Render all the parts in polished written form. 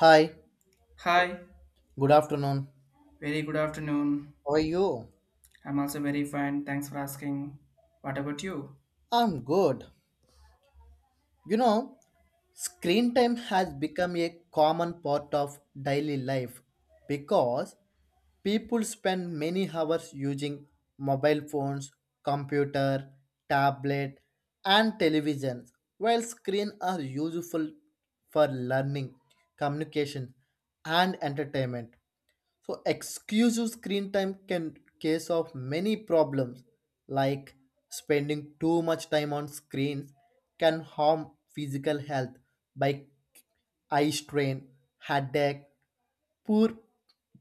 Hi, Hi, good afternoon. very good afternoon. How are you? I'm also very fine. Thanks for asking. What about you? I'm good. You know, screen time has become a common part of daily life because people spend many hours using mobile phones, computer, tablet, and televisions, while screens are useful for learning, communication, and entertainment. So exclusive screen time can case of many problems like spending too much time on screens can harm physical health by eye strain, headache, poor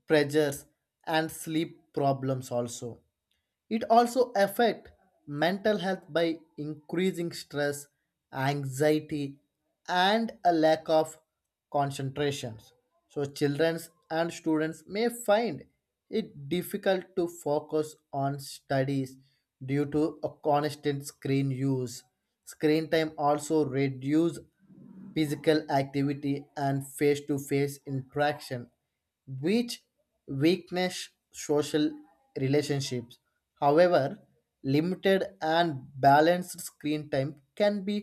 pressures and sleep problems also it also affect mental health by increasing stress, anxiety, and a lack of concentrations. So children and students may find it difficult to focus on studies due to a constant screen use. Screen time also reduce physical activity and face-to-face interaction which weakness social relationships however limited and balanced screen time can be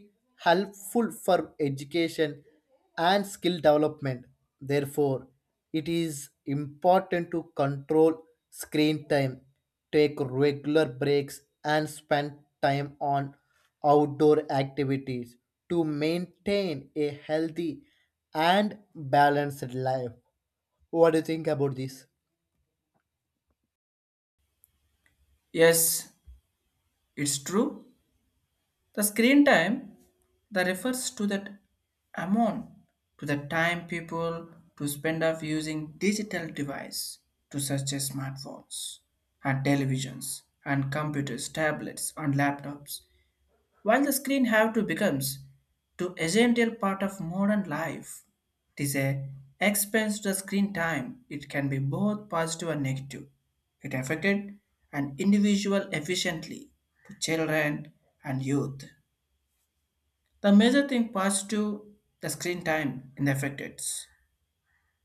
helpful for education and skill development. Therefore, it is important to control screen time, take regular breaks, and spend time on outdoor activities to maintain a healthy and balanced life. What do you think about this? Yes, it's true. The screen time that refers to that amount, to the time people to spend of using digital device to such as smartphones and televisions and computers, tablets, and laptops. While the screen have to becomes to essential part of modern life, it is a expense to screen time. It can be both positive and negative. It affected an individual efficiently to children and youth. The major thing positive the screen time in the affected.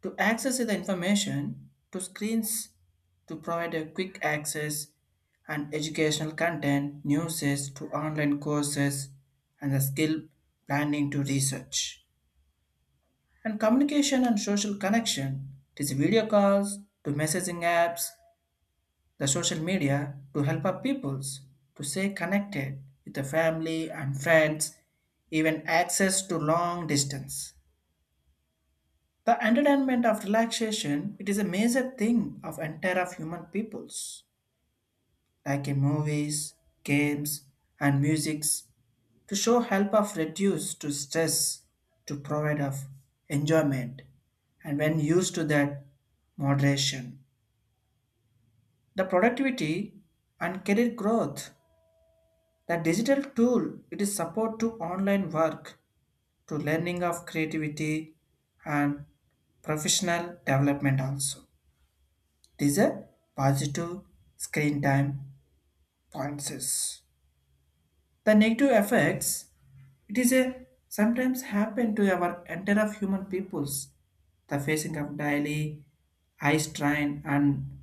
To access the information, to screens to provide a quick access and educational content, news to online courses and the skill planning to research. And communication and social connection. It is video calls to messaging apps, the social media to help our peoples to stay connected with the family and friends, even access to long distance. The entertainment of relaxation, it is a major thing of entire of human peoples, like in movies, games, and musics, to show help of reduce to stress, to provide of enjoyment, and when used to that moderation, the productivity and career growth. The digital tool, it is support to online work, to learning of creativity and professional development also. These are positive screen time points. The negative effects, it is a sometimes happen to our entire of human peoples. The facing of daily eye strain and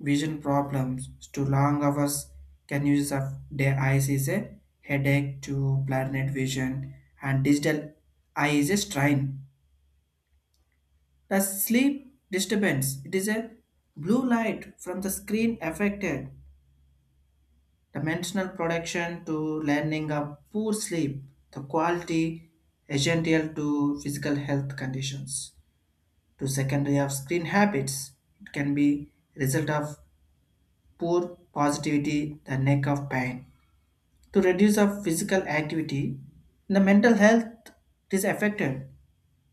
vision problems to long hours can use of their eyes is a headache to blurred vision and digital eye is a strain. The sleep disturbance, it is a blue light from the screen affected dimensional production to learning of poor sleep, the quality essential to physical health conditions, to secondary of screen habits. It can be result of poor positivity, the neck of pain. To reduce of physical activity, the mental health is affected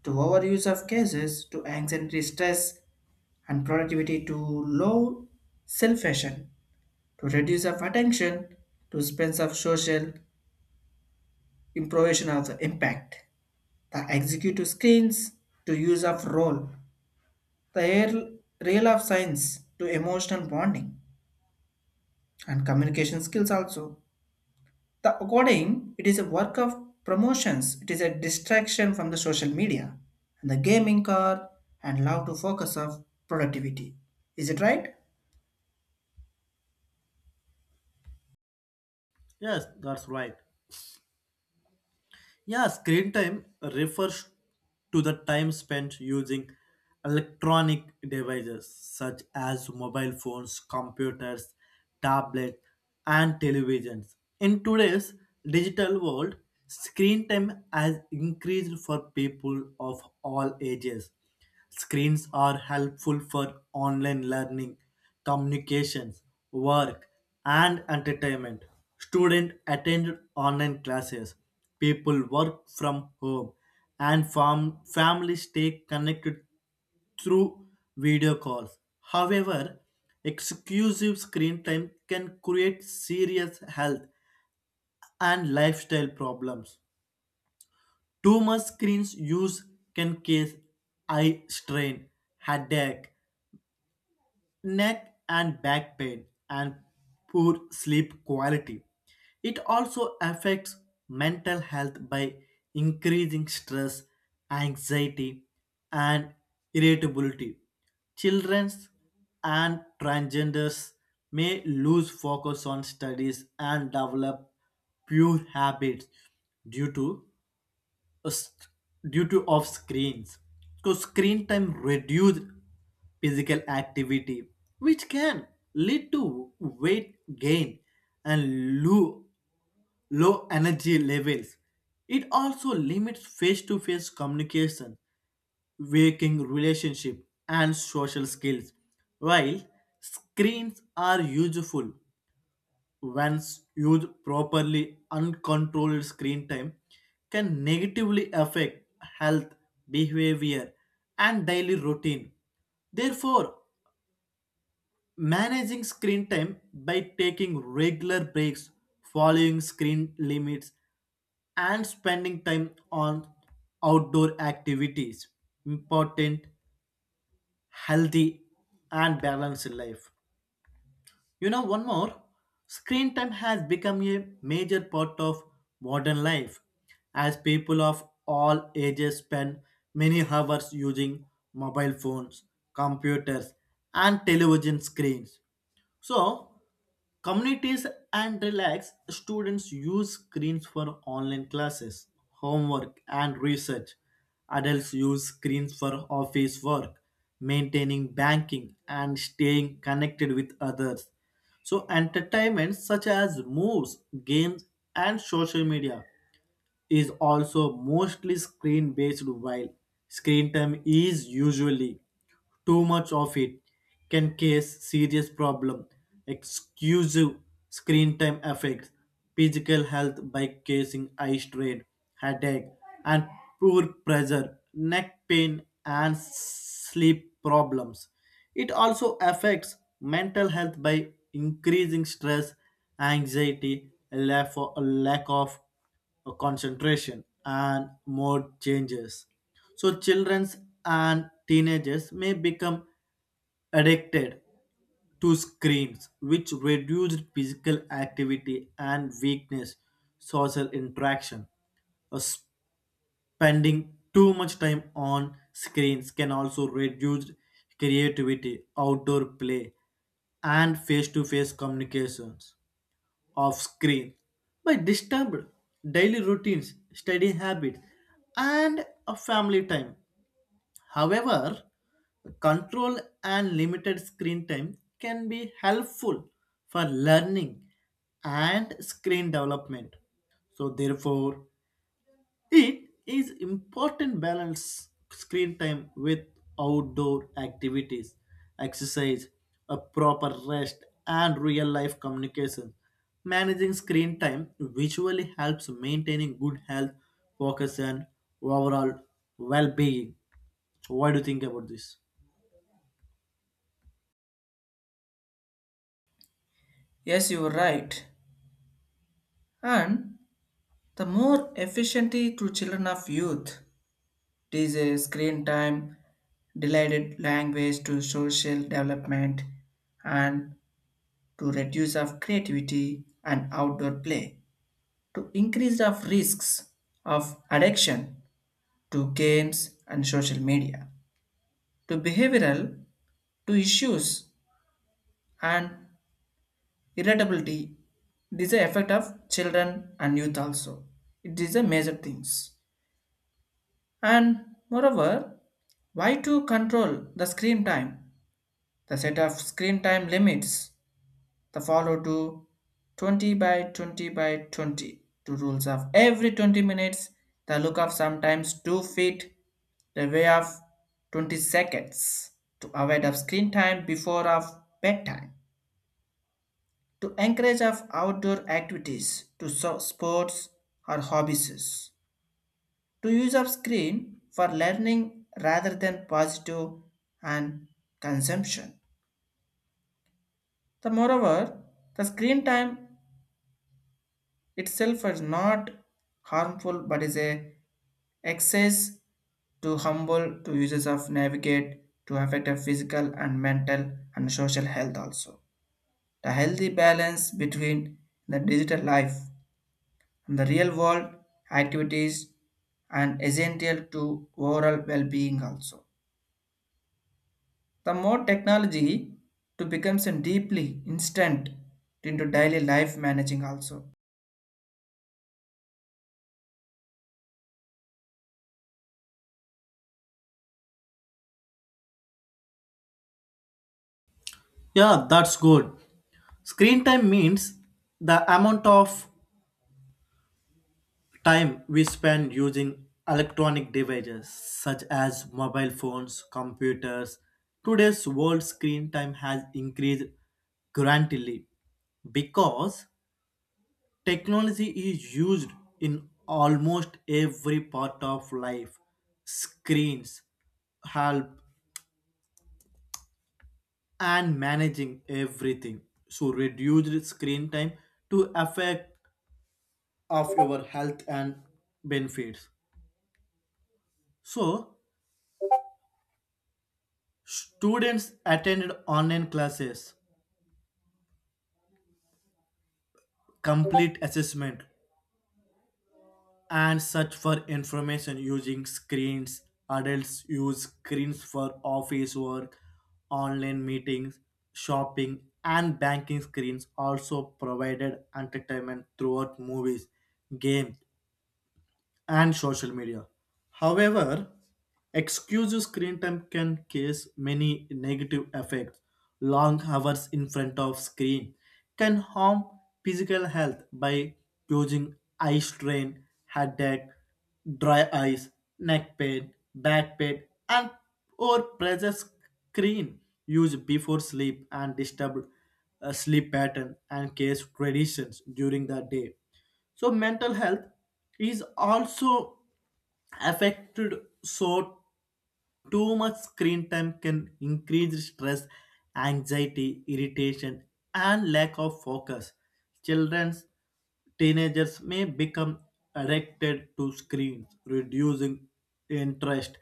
to overuse of cases to anxiety, stress, and productivity to low self-fashion, to reduce of attention, to spends of social improvisation also impact the executive screens to use of role the air real of science to emotional bonding and communication skills also the according it is a work of promotions it is a distraction from the social media and the gaming car and love to focus of productivity. Is it right? Yes, that's right. Yeah, screen time refers to the time spent using electronic devices such as mobile phones, computers, tablets, and televisions. In today's digital world, screen time has increased for people of all ages. Screens are helpful for online learning, communications, work, and entertainment. Students attend online classes, people work from home, and families stay connected through video calls. However, exclusive screen time can create serious health and lifestyle problems. Too much screen use can cause eye strain, headache, neck and back pain, and poor sleep quality. It also affects mental health by increasing stress, anxiety, and irritability. Children and transgenders may lose focus on studies and develop poor habits due to s- due to off screens because screen time reduce physical activity which can lead to weight gain and low energy levels. It also limits face to face communication, working relationship, and social skills. While screens are useful, once used properly, uncontrolled screen time can negatively affect health, behavior, and daily routine. Therefore, managing screen time by taking regular breaks, following screen limits, and spending time on outdoor activities important healthy and balanced life. You know, one more screen time has become a major part of modern life as people of all ages spend many hours using mobile phones, computers, and television screens. So, communities and relax students use screens for online classes, homework, and research. Adults use screens for office work, maintaining banking, and staying connected with others. So, entertainment such as movies, games, and social media is also mostly screen based while screen time is usually too much of it can cause serious problem exclusive screen time affects physical health by causing eye strain, headache, and poor pressure, neck pain and sleep problems. It also affects mental health by increasing stress, anxiety, lack of concentration and mode changes. So children and teenagers may become addicted to screens, which reduced physical activity and weakness social interaction. Uh, Spending too much time on screens can also reduce creativity, outdoor play, and face-to-face communications off screen by disturbed daily routines, study habits, and a family time. However, control and limited screen time can be helpful for learning and screen development. So, therefore, it is important balance screen time with outdoor activities, exercise, a proper rest, and real life communication. Managing screen time visually helps maintaining good health, focus, and overall well being. What do you think about this? Yes, you are right. And the more efficiency to children of youth. It is a screen time delighted language to social development and to reduce of creativity and outdoor play to increase of risks of addiction to games and social media to behavioral to issues and irritability. It is the effect of children and youth also. It is a major things. And moreover, why to control the screen time. The set of screen time limits, the follow to 20 by 20 by 20 to rules of every 20 minutes, the look of sometimes 2 feet, the way of 20 seconds, to avoid of screen time before of bedtime, to encourage of outdoor activities to sports or hobbies, to use of screen for learning rather than positive and consumption. The moreover, the screen time itself is not harmful but is a excess to humble to users of navigate to affect a physical and mental and social health also. The healthy balance between the digital life and the real world activities and essential to overall well-being also. The more technology to becomes a deeply instant into daily life managing also. Yeah, that's good. Screen time means the amount of time we spend using electronic devices such as mobile phones, computers. Today's world screen time has increased grandly because technology is used in almost every part of life. Screens help and managing everything. So reduced screen time to affect of your health and benefits. So students attended online classes, complete assessment, and search for information using screens. Adults use screens for office work, online meetings, shopping, and banking. Screens also provided entertainment throughout movies, games, and social media. However, excessive screen time can cause many negative effects. Long hours in front of screen can harm physical health by causing eye strain, headache, dry eyes, neck pain, back pain, and or pressure screen use before sleep and disturbed sleep pattern and case traditions during the day. So mental health is also affected. So too much screen time can increase stress, anxiety, irritation, and lack of focus. Children's teenagers may become addicted to screens, reducing interest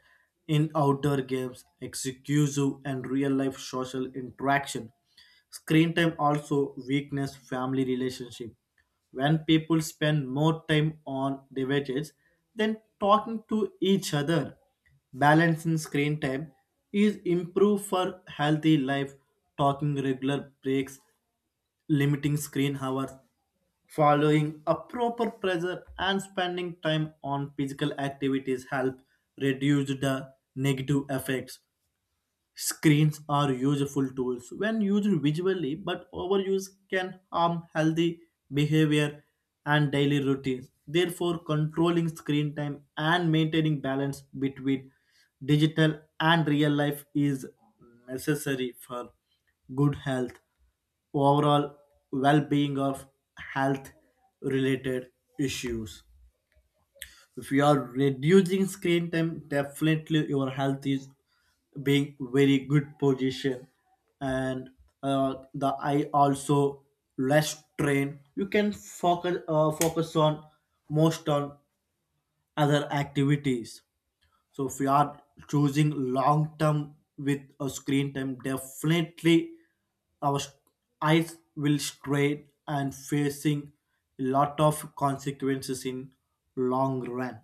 in outdoor games, exclusive and real life social interaction. Screen time also weakens family relationship. When people spend more time on devices than talking to each other, balancing screen time is improved for healthy life. Talking regular breaks, limiting screen hours, following a proper pressure and spending time on physical activities help reduce the negative effects. Screens are useful tools when used visually, but overuse can harm healthy behavior and daily routines. Therefore, controlling screen time and maintaining balance between digital and real life is necessary for good health, overall well being of health related issues. If you are reducing screen time, definitely your health is being very good position. And the eye also less strain, you can focus on most on other activities. So if you are choosing long term with a screen time, definitely our s- eyes will strain and facing a lot of consequences in long run.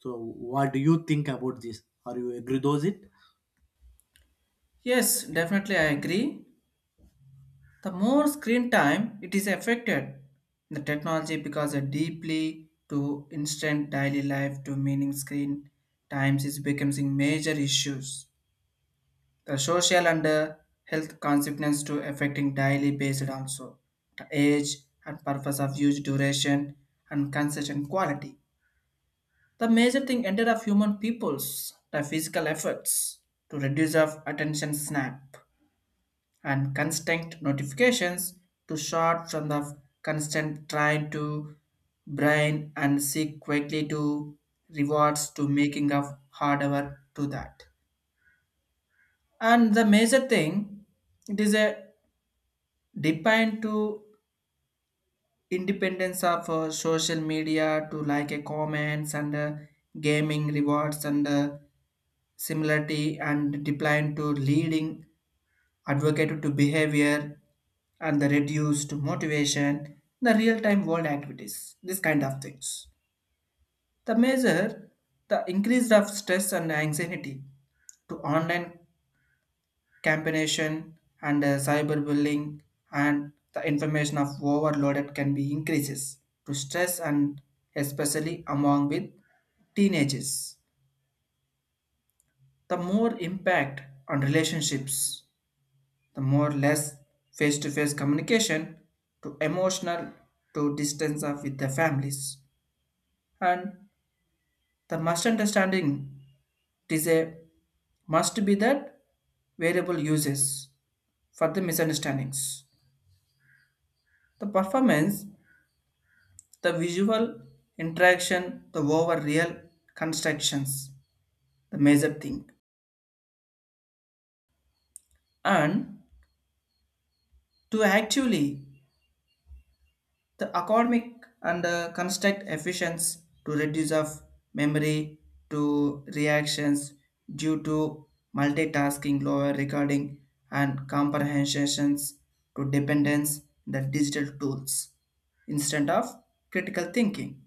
So what do you think about this? Are you agree those it? Yes, definitely I agree. The more screen time it is affected, the technology becomes a deeply to instant daily life to meaning screen times is becoming major issues. The social and health consequences to affecting daily based also the age and purpose of use duration and concession quality. The major thing ended of human peoples the physical efforts to reduce of attention snap and constant notifications to short from the constant trying to brain and seek quickly to rewards to making of hard hour to that. And the major thing, it is a depend to independence of social media to like a comments and gaming rewards and similarity and decline to leading advocated to behavior and the reduced motivation the real-time world activities, this kind of things, the measure, the increase of stress and anxiety to online campaign and cyberbullying and the information of overloaded can be increases to stress and especially among with teenagers the more impact on relationships the more less face-to-face communication to emotional to distance of with the families and the must understanding it is a must be that variable uses for the misunderstandings the performance the visual interaction the over real constructions the major thing and to actually the economic and construct efficiency to reduce of memory to reactions due to multitasking, lower recording, and comprehensions to dependence the digital tools instead of critical thinking.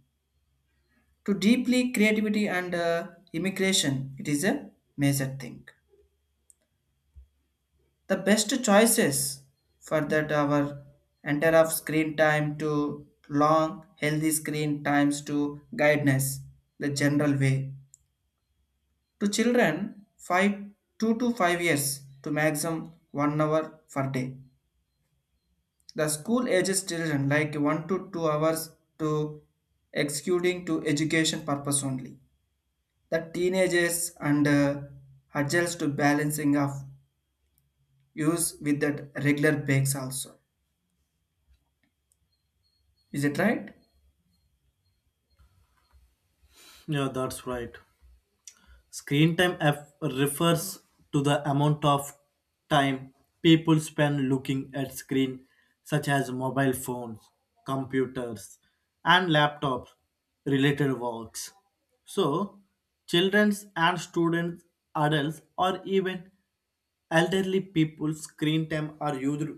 To deeply creativity and immigration, it is a major thing. The best choices for that our entire of screen time to long healthy screen times to guidance the general way to children 5 2 to 5 years to maximum 1 hour per day, the school ages children like 1 to 2 hours, to excluding to education purpose only, the teenagers and adults to balancing of use with that regular breaks also. Is it right? Yeah, that's right. Refers to the amount of time people spend looking at screen such as mobile phones, computers, and laptops related works. So, children and students, adults, or even elderly people's screen time are used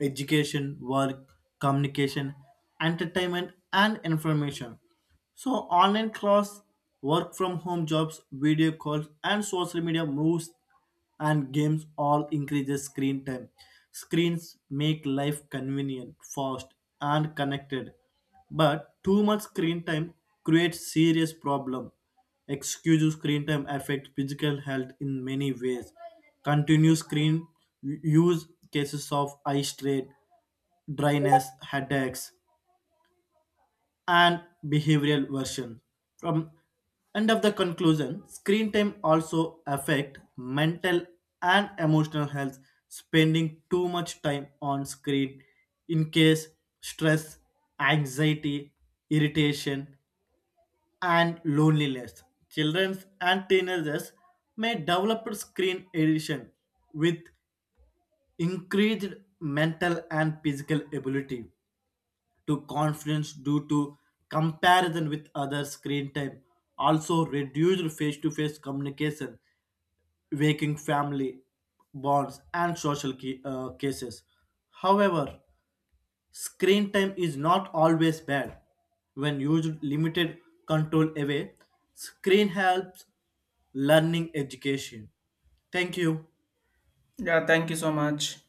education, work, communication, entertainment, and information. So online class, work from home jobs, video calls, and social media moves and games all increases screen time. Screens make life convenient, fast, and connected. But too much screen time creates serious problem. Excessive screen time affects physical health in many ways. Continuous screen use cases of eye strain, dryness, headaches, and behavioral version. From end of the conclusion, screen time also affect mental and emotional health. Spending too much time on screen in case stress, anxiety, irritation, and loneliness. Children and teenagers may develop screen addiction with increased mental and physical ability to confidence due to comparison with other screen time. Also reduced face-to-face communication, waking family bonds and cases. However, screen time is not always bad. When used limited control away, screen helps learning education. Thank you. Yeah, thank you so much.